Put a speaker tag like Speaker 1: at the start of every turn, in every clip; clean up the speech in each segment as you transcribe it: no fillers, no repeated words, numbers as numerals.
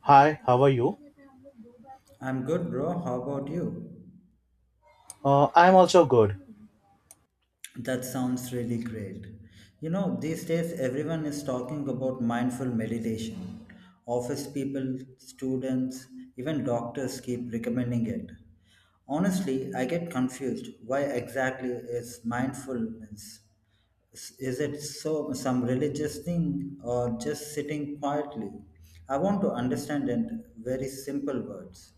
Speaker 1: Hi, how are you?
Speaker 2: I'm good, bro. How about you?
Speaker 1: I'm also good.
Speaker 2: That sounds really great. You know, these days everyone is talking about mindful meditation. Office people, students, even doctors keep recommending it. Honestly, I get confused. Why exactly is mindfulness? Is it so some religious thing or just sitting quietly? I want to understand in very simple words.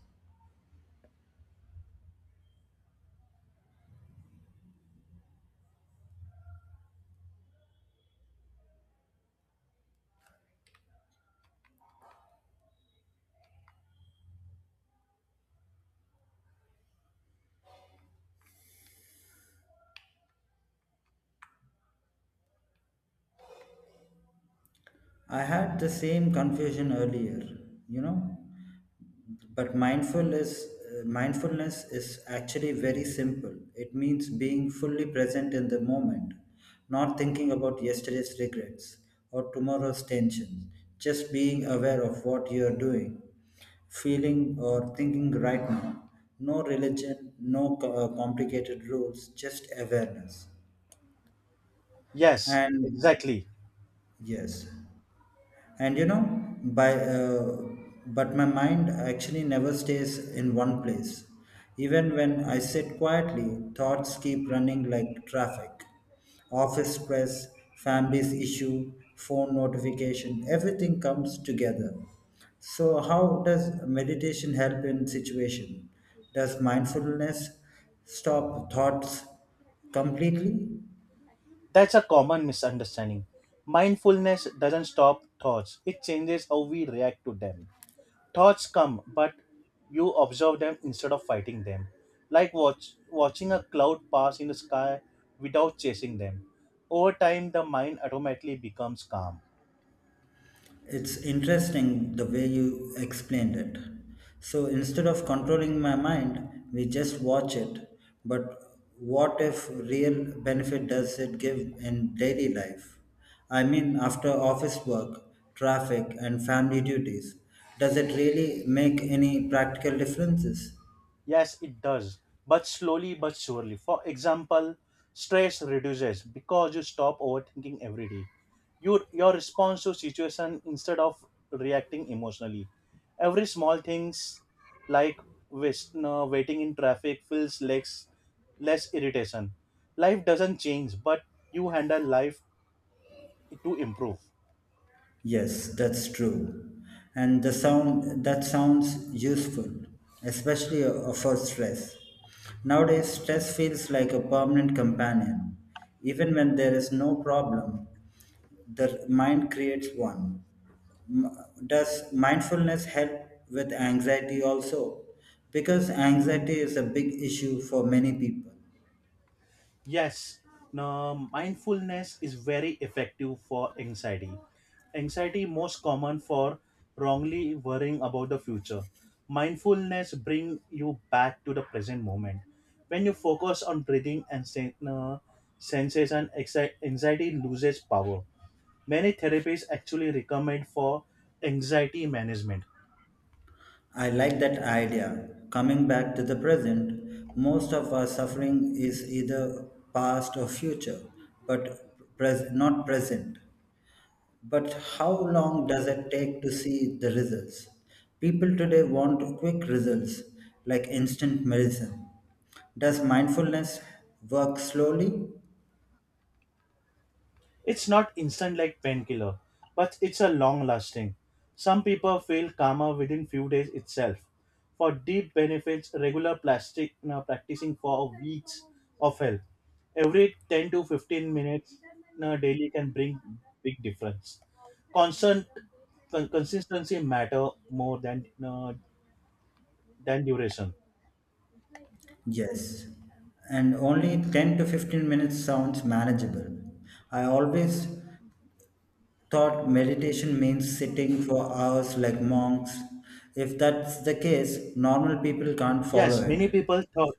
Speaker 2: I had the same confusion earlier, you know. But mindfulness is actually very simple. It means being fully present in the moment, not thinking about yesterday's regrets or tomorrow's tensions, just being aware of what you are doing, feeling, or thinking right now. No religion, no complicated rules, just awareness.
Speaker 1: Yes,
Speaker 2: And
Speaker 1: exactly.
Speaker 2: yes, and you know by but my mind actually never stays in one place. Even when I sit quietly, thoughts keep running like traffic, office stress, family's issue, phone notification, everything comes together. So how does meditation help in situation? Does mindfulness stop thoughts completely?
Speaker 1: That's a common misunderstanding. Mindfulness doesn't stop thoughts, it changes how we react to them. Thoughts come, but you observe them instead of fighting them. Like watching a cloud pass in the sky without chasing them. Over time, the mind automatically becomes calm.
Speaker 2: It's interesting the way you explained it. So instead of controlling my mind, we just watch it. But what if real benefit does it give in daily life? I mean, after office work, traffic, and family duties, does it really make any practical differences?
Speaker 1: Yes, it does, but slowly but surely. For example, stress reduces because you stop overthinking every day. Your response to situation instead of reacting emotionally. Every small things like wis- no, waiting in traffic feels less irritation. Life doesn't change, but you handle life to improve.
Speaker 2: Yes, that's true. And the sound that sounds useful, especially for stress. Nowadays, stress feels like a permanent companion. Even when there is no problem, the mind creates one. M- Does mindfulness help with anxiety also? Because anxiety is a big issue for many people.
Speaker 1: Yes, now mindfulness is very effective for anxiety. Anxiety most common for wrongly worrying about the future. Mindfulness bring you back to the present moment. When you focus on breathing and sensation, anxiety loses power. Many therapies actually recommend for anxiety management.
Speaker 2: I like that idea. Coming back to the present, most of our suffering is either past or future, but not present. But how long does it take to see the results? People today want quick results, like instant medicine. Does mindfulness work slowly?
Speaker 1: It's not instant like painkiller, but it's a long lasting. Some people feel calmer within few days itself. For deep benefits, regular plastic now practicing for weeks of help. Every 10 to 15 minutes now daily can bring big difference. Constant consistency matter more than duration.
Speaker 2: Yes, and only 10 to 15 minutes sounds manageable. I always thought meditation means sitting for hours like monks. If that's the case, normal people can't follow
Speaker 1: Yes, many
Speaker 2: it.
Speaker 1: people thought.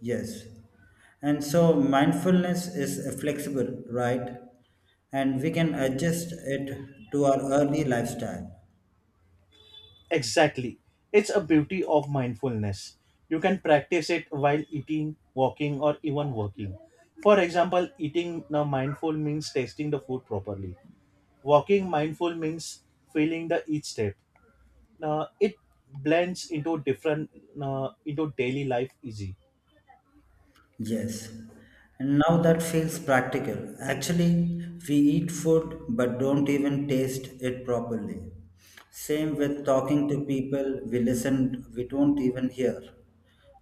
Speaker 2: Yes. And so mindfulness is flexible, right? And we can adjust it to our early lifestyle.
Speaker 1: Exactly. It's a beauty of mindfulness. You can practice it while eating, walking, or even working. For example, eating now mindful means tasting the food properly. Walking mindful means feeling the each step. Now it blends into different into daily life easy.
Speaker 2: Yes, and now that feels practical. Actually, we eat food but don't even taste it properly. Same with talking to people, we listen, we don't even hear.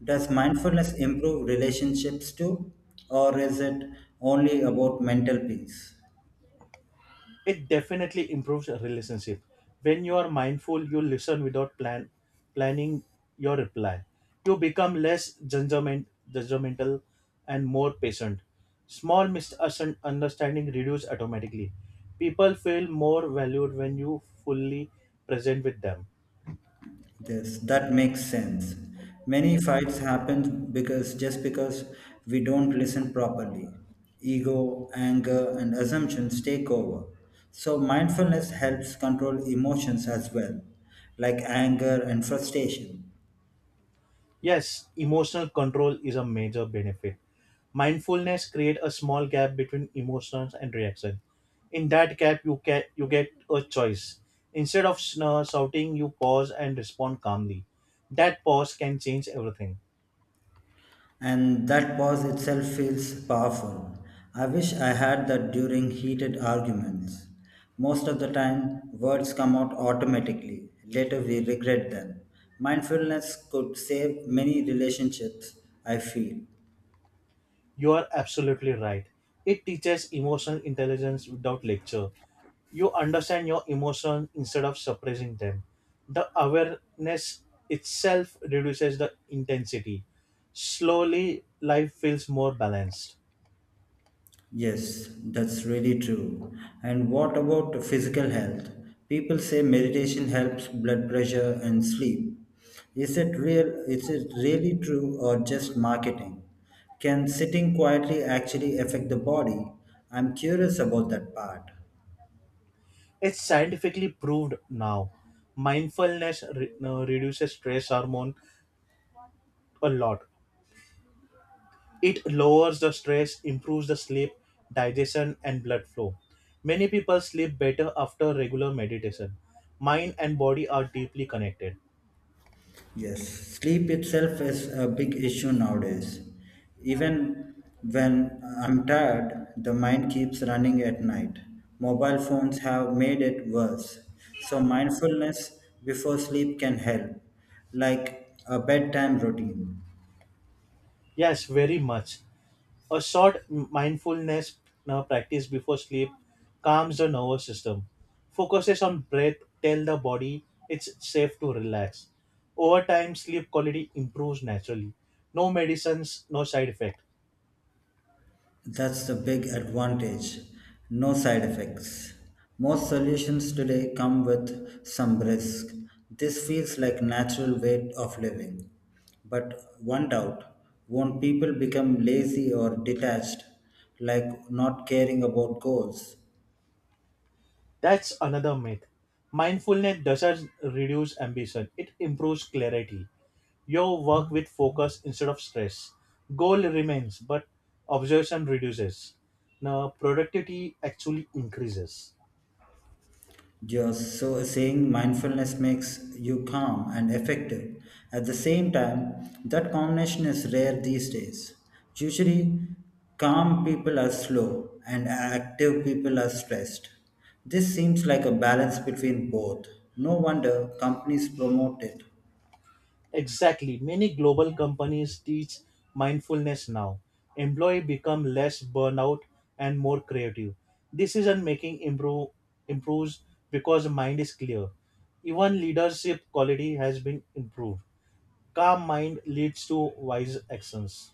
Speaker 2: Does mindfulness improve relationships too, or is it only about mental peace?
Speaker 1: It definitely improves a relationship. When you are mindful, you listen without planning your reply. You become less judgmental and more patient. Small misunderstanding reduce automatically. People feel more valued when you fully present with them.
Speaker 2: Yes, that makes sense. Many fights happen because just because we don't listen properly. Ego, anger, and assumptions take over. So mindfulness helps control emotions as well, like anger and frustration.
Speaker 1: Yes, emotional control is a major benefit. Mindfulness create a small gap between emotions and reaction. In that gap, you get a choice. Instead of shouting, you pause and respond calmly. That pause can change everything.
Speaker 2: And that pause itself feels powerful. I wish I had that during heated arguments. Most of the time, words come out automatically. Later, we regret them. Mindfulness could save many relationships, I feel.
Speaker 1: You are absolutely right. It teaches emotional intelligence without lecture. You understand your emotions instead of suppressing them. The awareness itself reduces the intensity. Slowly life feels more balanced.
Speaker 2: Yes, that's really true. And what about physical health? People say meditation helps blood pressure and sleep. Is it real? Is it really true or just marketing? Can sitting quietly actually affect the body? I'm curious about that part.
Speaker 1: It's scientifically proved now. Mindfulness reduces stress hormone a lot. It lowers the stress, improves the sleep, digestion, and blood flow. Many people sleep better after regular meditation. Mind and body are deeply connected.
Speaker 2: Yes, sleep itself is a big issue nowadays. Even when I'm tired, the mind keeps running at night. Mobile phones have made it worse. So, mindfulness before sleep can help, like a bedtime routine.
Speaker 1: Yes, very much. A short mindfulness practice before sleep calms the nervous system, focuses on breath, tell the body it's safe to relax. Over time, sleep quality improves naturally. No medicines, no side effect.
Speaker 2: That's the big advantage. No side effects. Most solutions today come with some risk. This feels like natural way of living. But one doubt, won't people become lazy or detached, like not caring about goals?
Speaker 1: That's another myth. Mindfulness doesn't reduce ambition, it improves clarity. Your work with focus instead of stress. Goal remains, but obsession reduces. Now, productivity actually increases.
Speaker 2: You're so saying mindfulness makes you calm and effective. At the same time, that combination is rare these days. Usually, calm people are slow and active people are stressed. This seems like a balance between both. No wonder companies promote it.
Speaker 1: Exactly. Many global companies teach mindfulness now. Employee become less burnout and more creative. Decision making improves because mind is clear. Even leadership quality has been improved. Calm mind leads to wise actions.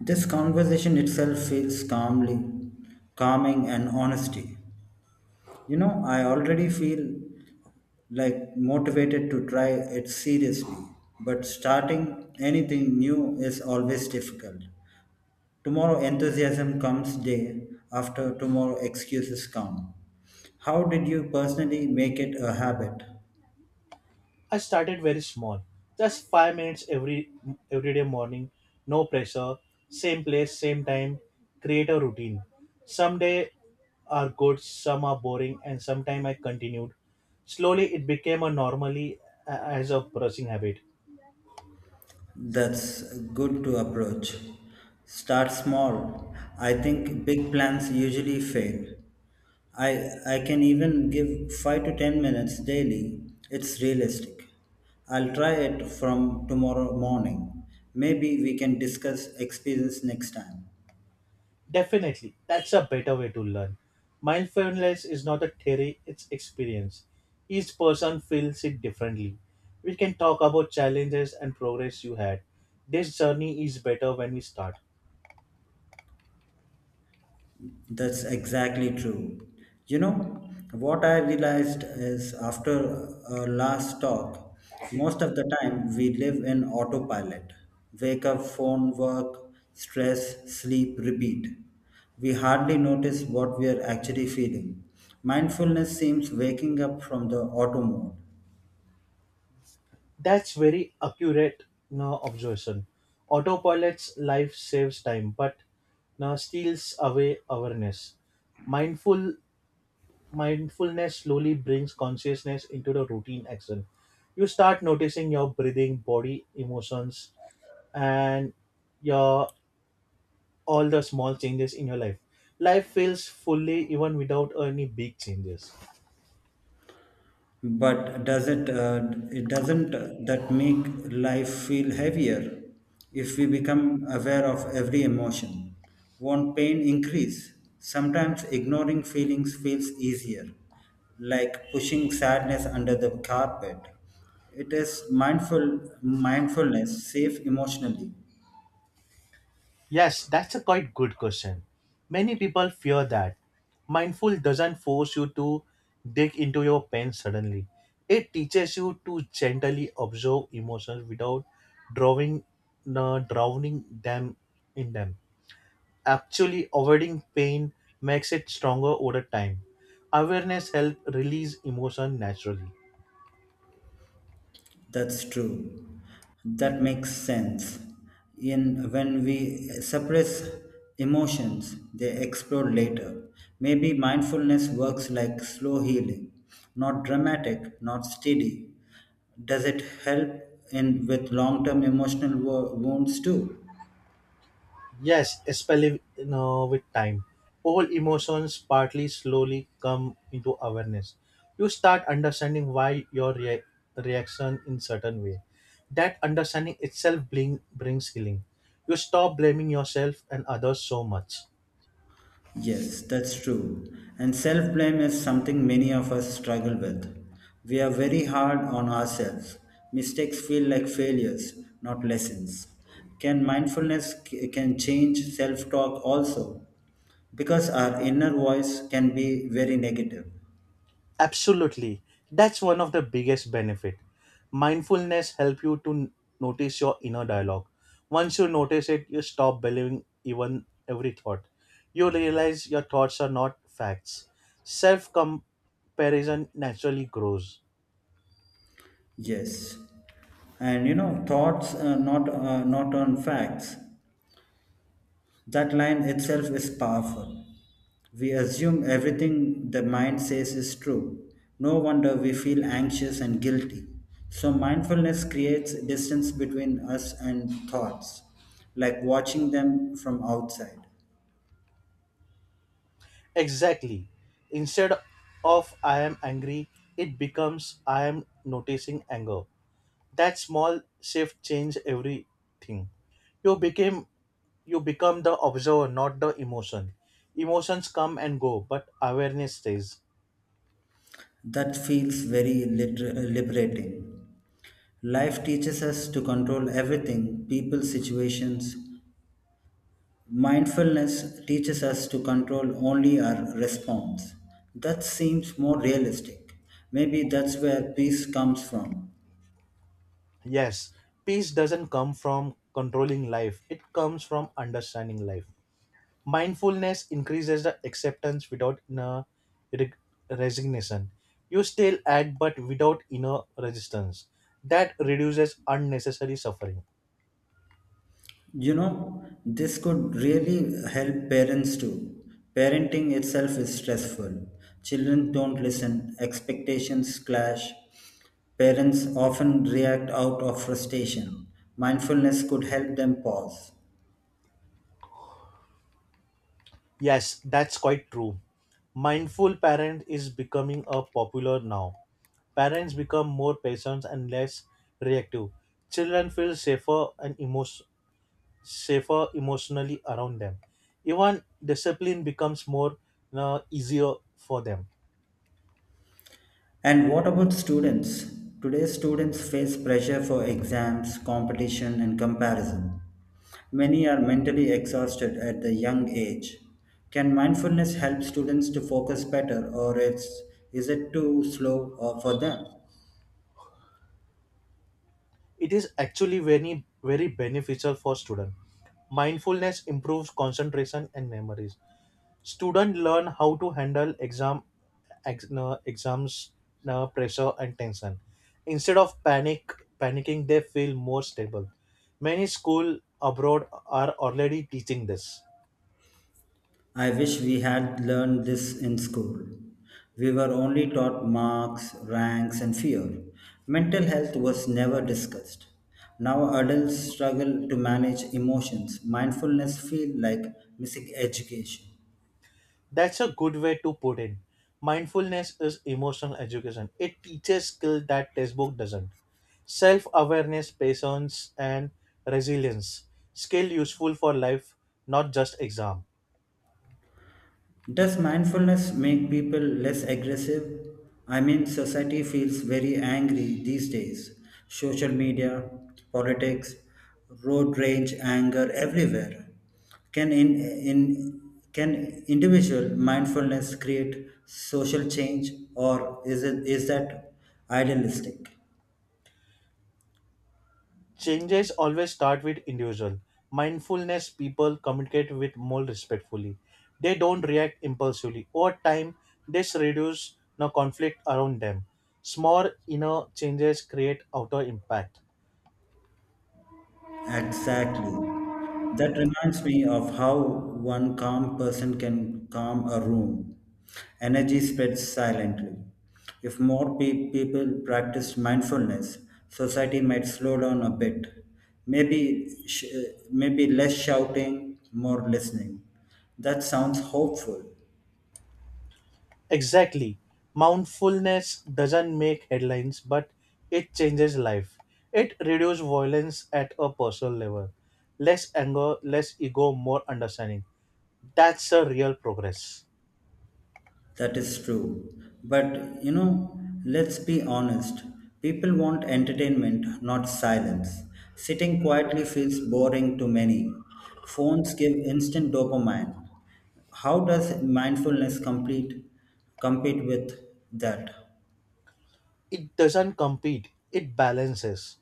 Speaker 2: This conversation itself feels calming and honesty. You know, I already feel like motivated to try it seriously. But starting anything new is always difficult. Tomorrow enthusiasm comes, day after tomorrow excuses come. How did you personally make it a habit?
Speaker 1: I started very small, just 5 minutes every day morning, no pressure, same place, same time. Create a routine. Some days are good, some are boring, and sometime I continued. Slowly, it became a normally as a brushing habit.
Speaker 2: That's good to approach. Start small. I think big plans usually fail. I I can even give 5 to 10 minutes daily. It's realistic. I'll try it from tomorrow morning. Maybe we can discuss experience next time.
Speaker 1: Definitely, that's a better way to learn. Mindfulness is not a theory; it's experience. Each person feels it differently. We can talk about challenges and progress you had. This journey is better when we start.
Speaker 2: That's exactly true. You know, what I realized is after our last talk, most of the time we live in autopilot. Wake up, phone, work, stress, sleep, repeat. We hardly notice what we are actually feeling. Mindfulness seems waking up from the auto mode.
Speaker 1: That's very accurate no, observation. Autopilot's life saves time, but no, steals away awareness. Mindful mindfulness slowly brings consciousness into the routine action. You start noticing your breathing, body, emotions, and your all the small changes in your life. Life feels fully even without any big changes.
Speaker 2: But it doesn't, that make life feel heavier if we become aware of every emotion? Won't pain increase? Sometimes ignoring feelings feels easier, like pushing sadness under the carpet. It is mindfulness safe emotionally.
Speaker 1: Yes, that's a quite good question. Many people fear that. Mindful doesn't force you to dig into your pain suddenly. It teaches you to gently observe emotions without drawing, drowning them in them. Actually, avoiding pain makes it stronger over time. Awareness helps release emotion naturally.
Speaker 2: That's true. That makes sense. In when we suppress emotions, they explode later. Maybe mindfulness works like slow healing, not dramatic, not steady. Does it help in with long-term emotional wounds too?
Speaker 1: Yes, especially you know, with time, all emotions partly slowly come into awareness. You start understanding why your reaction in certain way. That understanding itself brings healing. You stop blaming yourself and others so much.
Speaker 2: Yes, that's true. And self blame is something many of us struggle with. We are very hard on ourselves. Mistakes feel like failures, not lessons. Can mindfulness can change self talk also? Because our inner voice can be very negative.
Speaker 1: Absolutely. That's one of the biggest benefit. Mindfulness help you to notice your inner dialogue. Once you notice it, you stop believing even every thought. You realize your thoughts are not facts. Self comparison naturally grows.
Speaker 2: Yes, and you know thoughts, not, not on facts. That line itself is powerful. We assume everything the mind says is true. No wonder we feel anxious and guilty. So, mindfulness creates distance between us and thoughts, like watching them from outside.
Speaker 1: Exactly. Instead of I am angry, it becomes I am noticing anger. That small shift change everything. You became You become the observer, not the emotion. Emotions come and go, but awareness stays.
Speaker 2: That feels very liberating. Life teaches us to control everything, people, situations. Mindfulness teaches us to control only our response. That seems more realistic. Maybe that's where peace comes from.
Speaker 1: Yes, peace doesn't come from controlling life, it comes from understanding life. Mindfulness increases the acceptance without inner reg- resignation. You still act, but without inner resistance. That reduces unnecessary suffering.
Speaker 2: You know, this could really help parents too. Parenting itself is stressful. Children don't listen, expectations clash. Parents often react out of frustration. Mindfulness could help them pause.
Speaker 1: Yes, that's quite true. Mindful parent is becoming a popular now. Parents become more patient and less reactive. Children feel safer and safer emotionally around them. Even discipline becomes more you easier for them.
Speaker 2: And what about students today? Students face pressure for exams, competition, and comparison. Many are mentally exhausted at the young age. Can mindfulness help students to focus better, or is it too slow for them?
Speaker 1: It is actually very very beneficial for students. Mindfulness improves concentration and memories. Students learn how to handle exam ex, no, exams no, pressure and tension. Instead of panicking, they feel more stable. Many school abroad are already teaching this.
Speaker 2: I wish we had learned this in school. We were only taught marks, ranks, and fear. Mental health was never discussed. Now adults struggle to manage emotions. Mindfulness feels like missing education.
Speaker 1: That's a good way to put it. Mindfulness is emotional education. It teaches skill that textbook doesn't. Self-awareness, patience, and resilience. Skill useful for life, not just exam.
Speaker 2: Does mindfulness make people less aggressive? I mean, society feels very angry these days. Social media, politics, road rage, anger everywhere. Can in can individual mindfulness create social change, or is that idealistic?
Speaker 1: Changes always start with individual. Mindfulness people communicate with more respectfully. They don't react impulsively. Over time, this reduces the conflict around them. Small inner changes create outer impact.
Speaker 2: Exactly. That reminds me of how one calm person can calm a room. Energy spreads silently. If more people practiced mindfulness, society might slow down a bit. Maybe, maybe less shouting, more listening. That sounds hopeful.
Speaker 1: Exactly. Mindfulness doesn't make headlines, but it changes life. It reduces violence at a personal level. Less anger, less ego, more understanding. That's a real progress.
Speaker 2: That is true. But you know, let's be honest. People want entertainment, not silence. Sitting quietly feels boring to many. Phones give instant dopamine. How does mindfulness complete compete with that?
Speaker 1: It doesn't compete, it balances.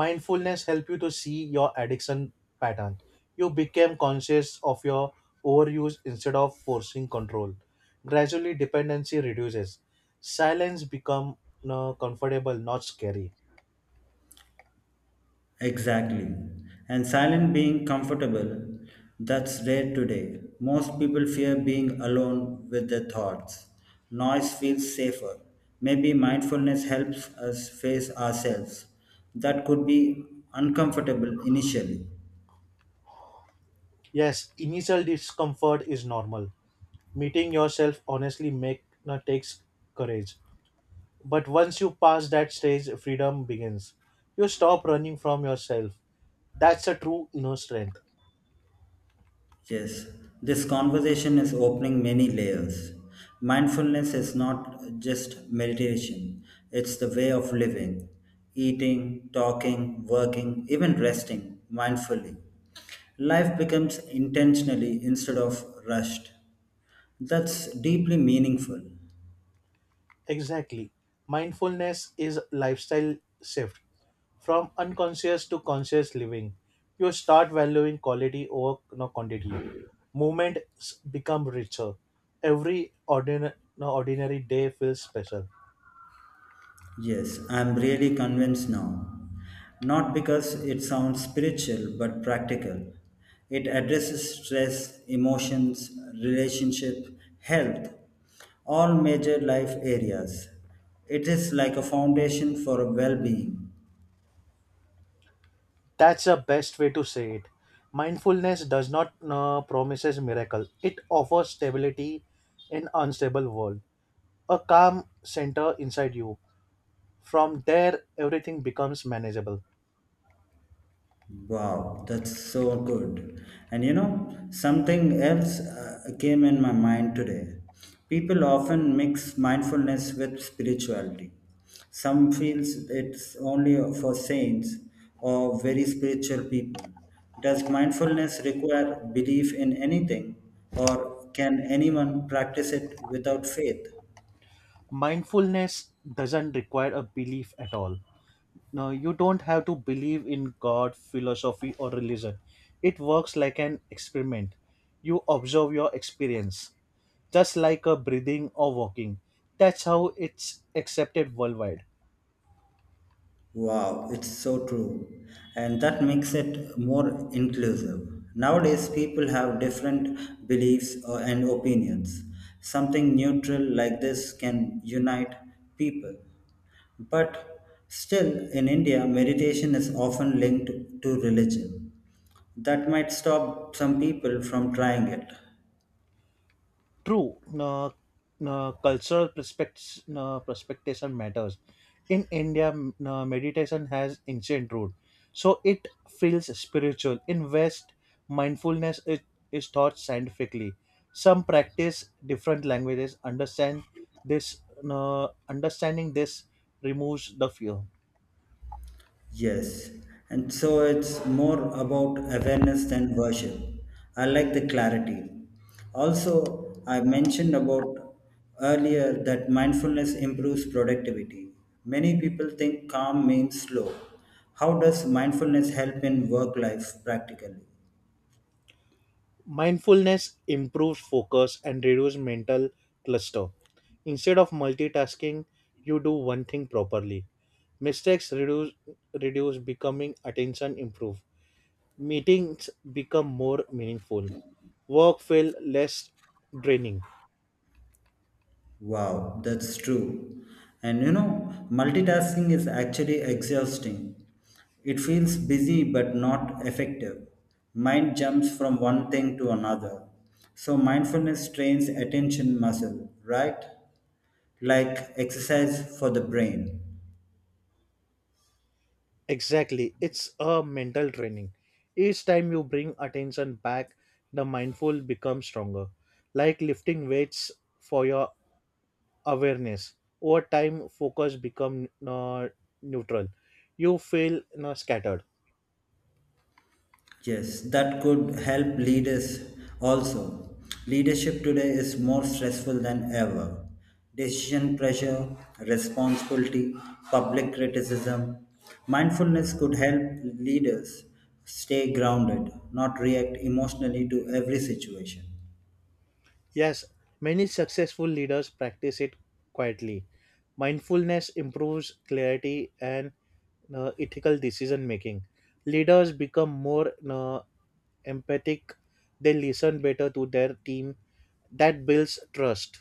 Speaker 1: Mindfulness help you to see your addiction pattern. You become conscious of your overuse instead of forcing control. Gradually dependency reduces. Silence become comfortable, not scary.
Speaker 2: Exactly. And silent being comfortable, that's rare today. Most people fear being alone with their thoughts. Noise feels safer. Maybe mindfulness helps us face ourselves. That could be uncomfortable initially.
Speaker 1: Yes, initial discomfort is normal. Meeting yourself honestly make takes courage. But once you pass that stage, freedom begins. You stop running from yourself. That's a true inner strength.
Speaker 2: Yes, this conversation is opening many layers. Mindfulness is not just meditation, it's the way of living, eating, talking, working, even resting mindfully. Life becomes intentionally instead of rushed. That's deeply meaningful.
Speaker 1: Exactly. Mindfulness is lifestyle shift from unconscious to conscious living. You start valuing quality over no quantity. Moments become richer. Every ordinary, no ordinary day feels special.
Speaker 2: Yes, I'm really convinced now. Not because it sounds spiritual, but practical. It addresses stress, emotions, relationship, health, all major life areas. It is like a foundation for well being.
Speaker 1: That's the best way to say it. Mindfulness does not promises miracle. It offers stability in unstable world. A calm center inside you. From there, everything becomes manageable.
Speaker 2: Wow, that's so good. And you know, something else came in my mind today. People often mix mindfulness with spirituality. Some feels it's only for saints or very spiritual people. Does mindfulness require belief in anything or can anyone practice it without faith?
Speaker 1: Mindfulness doesn't require a belief at all. No, you don't have to believe in god, philosophy, or religion. It works like an experiment. You observe your experience just like a breathing or walking. That's how it's accepted worldwide.
Speaker 2: Wow, it's so true. And that makes it more inclusive. Nowadays, people have different beliefs and opinions. Something neutral like this can unite people. But still, in India, meditation is often linked to religion. That might stop some people from trying it.
Speaker 1: True, no, cultural perspectives, no, perspectation matters. In India, m- no, meditation has ancient root, so it feels spiritual. In West, mindfulness is taught scientifically. Some practice different languages. Understand this. No, understanding this removes the fear.
Speaker 2: Yes, and so it's more about awareness than worship. I like the clarity. Also, I mentioned about earlier that mindfulness improves productivity. Many people think calm means slow. How does mindfulness help in work life practically?
Speaker 1: Mindfulness improves focus and reduces mental cluster. Instead of multitasking, you do one thing properly. Mistakes reduce becoming attention improve. Meetings become more meaningful. Work feel less draining.
Speaker 2: Wow, that's true. And you know, multitasking is actually exhausting. It feels busy but not effective. Mind jumps from one thing to another. So, mindfulness trains attention muscle, right? Like exercise for the brain.
Speaker 1: Exactly. It's a mental training. Each time you bring attention back, the mindful becomes stronger, like lifting weights for your awareness. Over time focus become neutral, you feel you scattered.
Speaker 2: Yes, that could help leaders also. Leadership today is more stressful than ever. Decision pressure, responsibility, public criticism. Mindfulness could help leaders stay grounded, not react emotionally to every situation.
Speaker 1: Yes, many successful leaders practice it quietly. Mindfulness improves clarity and ethical decision making. Leaders become more empathic. They listen better to their team. That builds trust.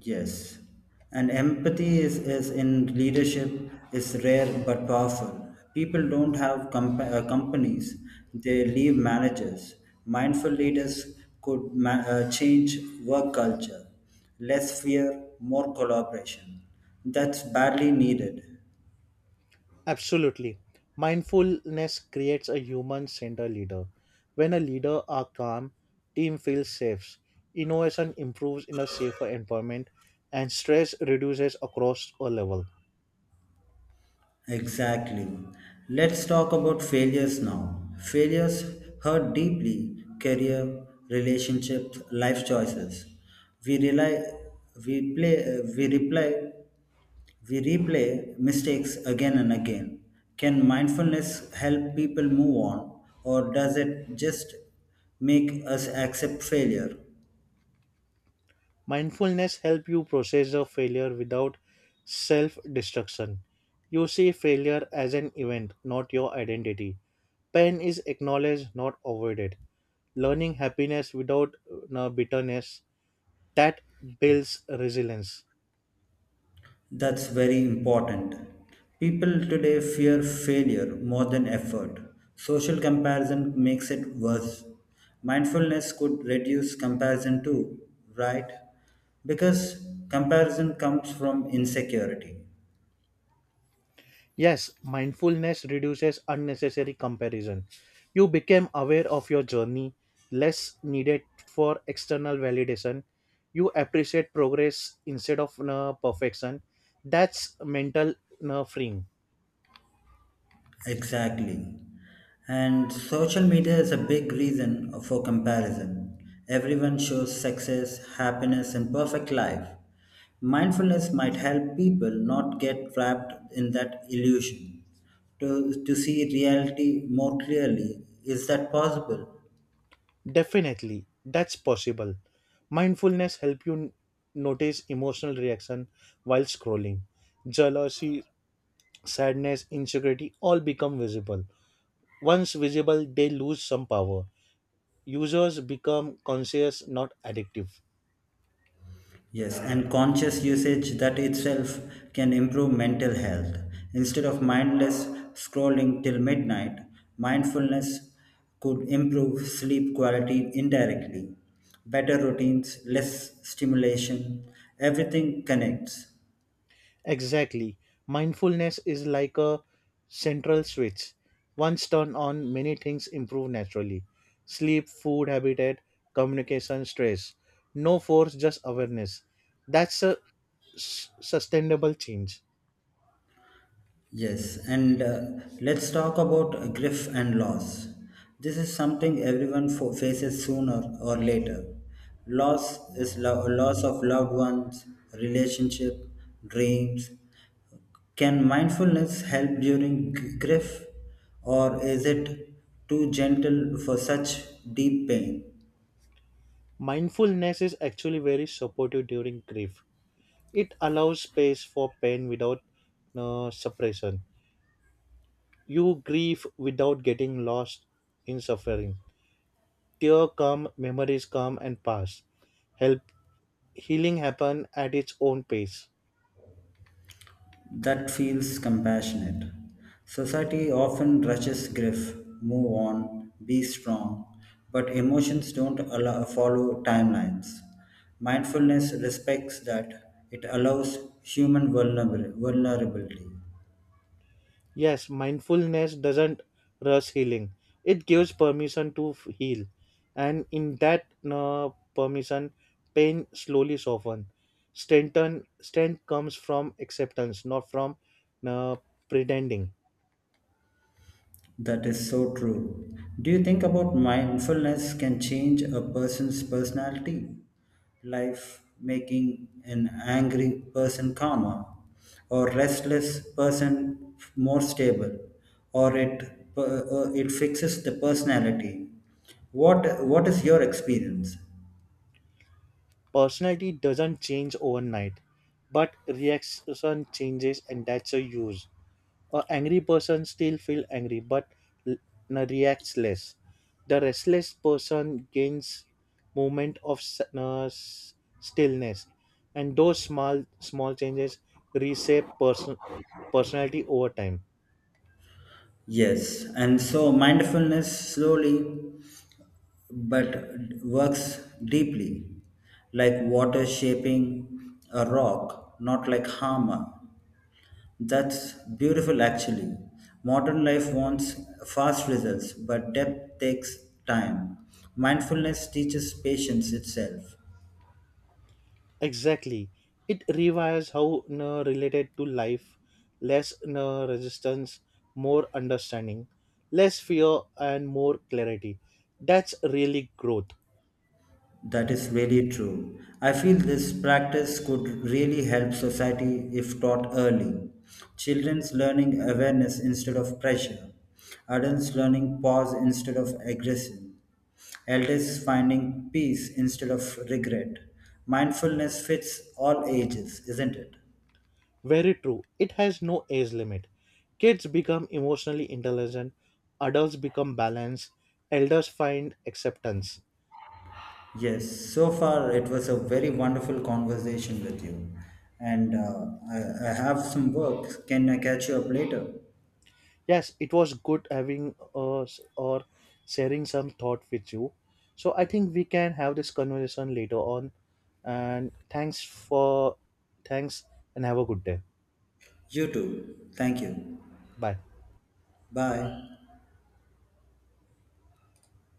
Speaker 2: Yes. And empathy is in leadership is rare but powerful. People don't have companies, they leave managers. Mindful leaders could change work culture. Less fear, more collaboration. That's badly needed.
Speaker 1: Absolutely. Mindfulness creates a human centered leader. When a leader are calm, team feels safe, innovation improves in a safer environment, and stress reduces across all level.
Speaker 2: Exactly. Let's talk about failures now. Failures hurt deeply, career, relationships, life choices. We rely we play we reply we replay mistakes again and again. Can mindfulness help people move on or does it just make us accept failure?
Speaker 1: Mindfulness help you process the failure without self-destruction. You see failure as an event, not your identity. Pain is acknowledged, not avoided. Learning happiness without bitterness that builds resilience.
Speaker 2: That's very important. People today fear failure more than effort. Social comparison makes it worse. Mindfulness could reduce comparison too, right? Because comparison comes from insecurity.
Speaker 1: Yes, mindfulness reduces unnecessary comparison. You become aware of your journey, less needed for external validation. You appreciate progress instead of perfection. That's mental freeing.
Speaker 2: Exactly. And social media is a big reason for comparison. Everyone shows success, happiness, and perfect life. Mindfulness might help people not get trapped in that illusion. To see reality more clearly, is that possible?
Speaker 1: Definitely, that's possible. Mindfulness help you notice emotional reaction while scrolling. Jealousy, sadness, insecurity all become visible. Once visible, they lose some power. Users become conscious, not addictive.
Speaker 2: Yes, and conscious usage that itself can improve mental health. Instead of mindless scrolling till midnight, mindfulness could improve sleep quality indirectly. Better routines, less stimulation, everything connects.
Speaker 1: Exactly. Mindfulness is like a central switch. Once turned on, many things improve naturally sleep, food, habitat, communication, stress. No force, just awareness. That's a sustainable change.
Speaker 2: Yes, and let's talk about grief and loss. This is something everyone faces sooner or later. Loss is loss of loved ones, relationship, dreams. Can mindfulness help during grief, or is it too gentle for such deep pain?
Speaker 1: Mindfulness is actually very supportive during grief. It allows space for pain without suppression. You grieve without getting lost in suffering. Tears come, memories come and pass. Help healing happen at its own pace.
Speaker 2: That feels compassionate. Society often rushes grief, move on, be strong, but emotions don't allow, follow timelines. Mindfulness respects that, it allows human vulnerability.
Speaker 1: Yes, mindfulness doesn't rush healing. It gives permission to heal, and in that permission, pain slowly softens. Strength comes from acceptance, not from uh, pretending.
Speaker 2: That is so true. Do you think about mindfulness can change a person's personality? Life making an angry person calmer, or restless person more stable, or it fixes the personality. What is your experience?
Speaker 1: Personality doesn't change overnight, but reaction changes, and that's a use. A angry person still feel angry but l- reacts less. The restless person gains moment of stillness, and those small changes reshape personality over time.
Speaker 2: Yes, and so mindfulness slowly but works deeply, like water shaping a rock, not like hammer. That's beautiful actually. Modern life wants fast results, but depth takes time. Mindfulness teaches patience itself.
Speaker 1: Exactly, it rewires how related to life, less resistance, more understanding, less fear, and more clarity. That's really growth.
Speaker 2: That is really true. I feel this practice could really help society if taught early. Children's learning awareness instead of pressure, adults learning pause instead of aggression, elders finding peace instead of regret. Mindfulness fits all ages, isn't it?
Speaker 1: Very true. It has no age limit. Kids become emotionally intelligent, adults become balanced, elders find acceptance.
Speaker 2: Yes, so far it was a very wonderful conversation with you. And I have some work. Can I catch you up later?
Speaker 1: Yes, it was good having us or sharing some thought with you. So I think we can have this conversation later on. And thanks and have a good day.
Speaker 2: You too. Thank you.
Speaker 1: Bye.
Speaker 2: Bye.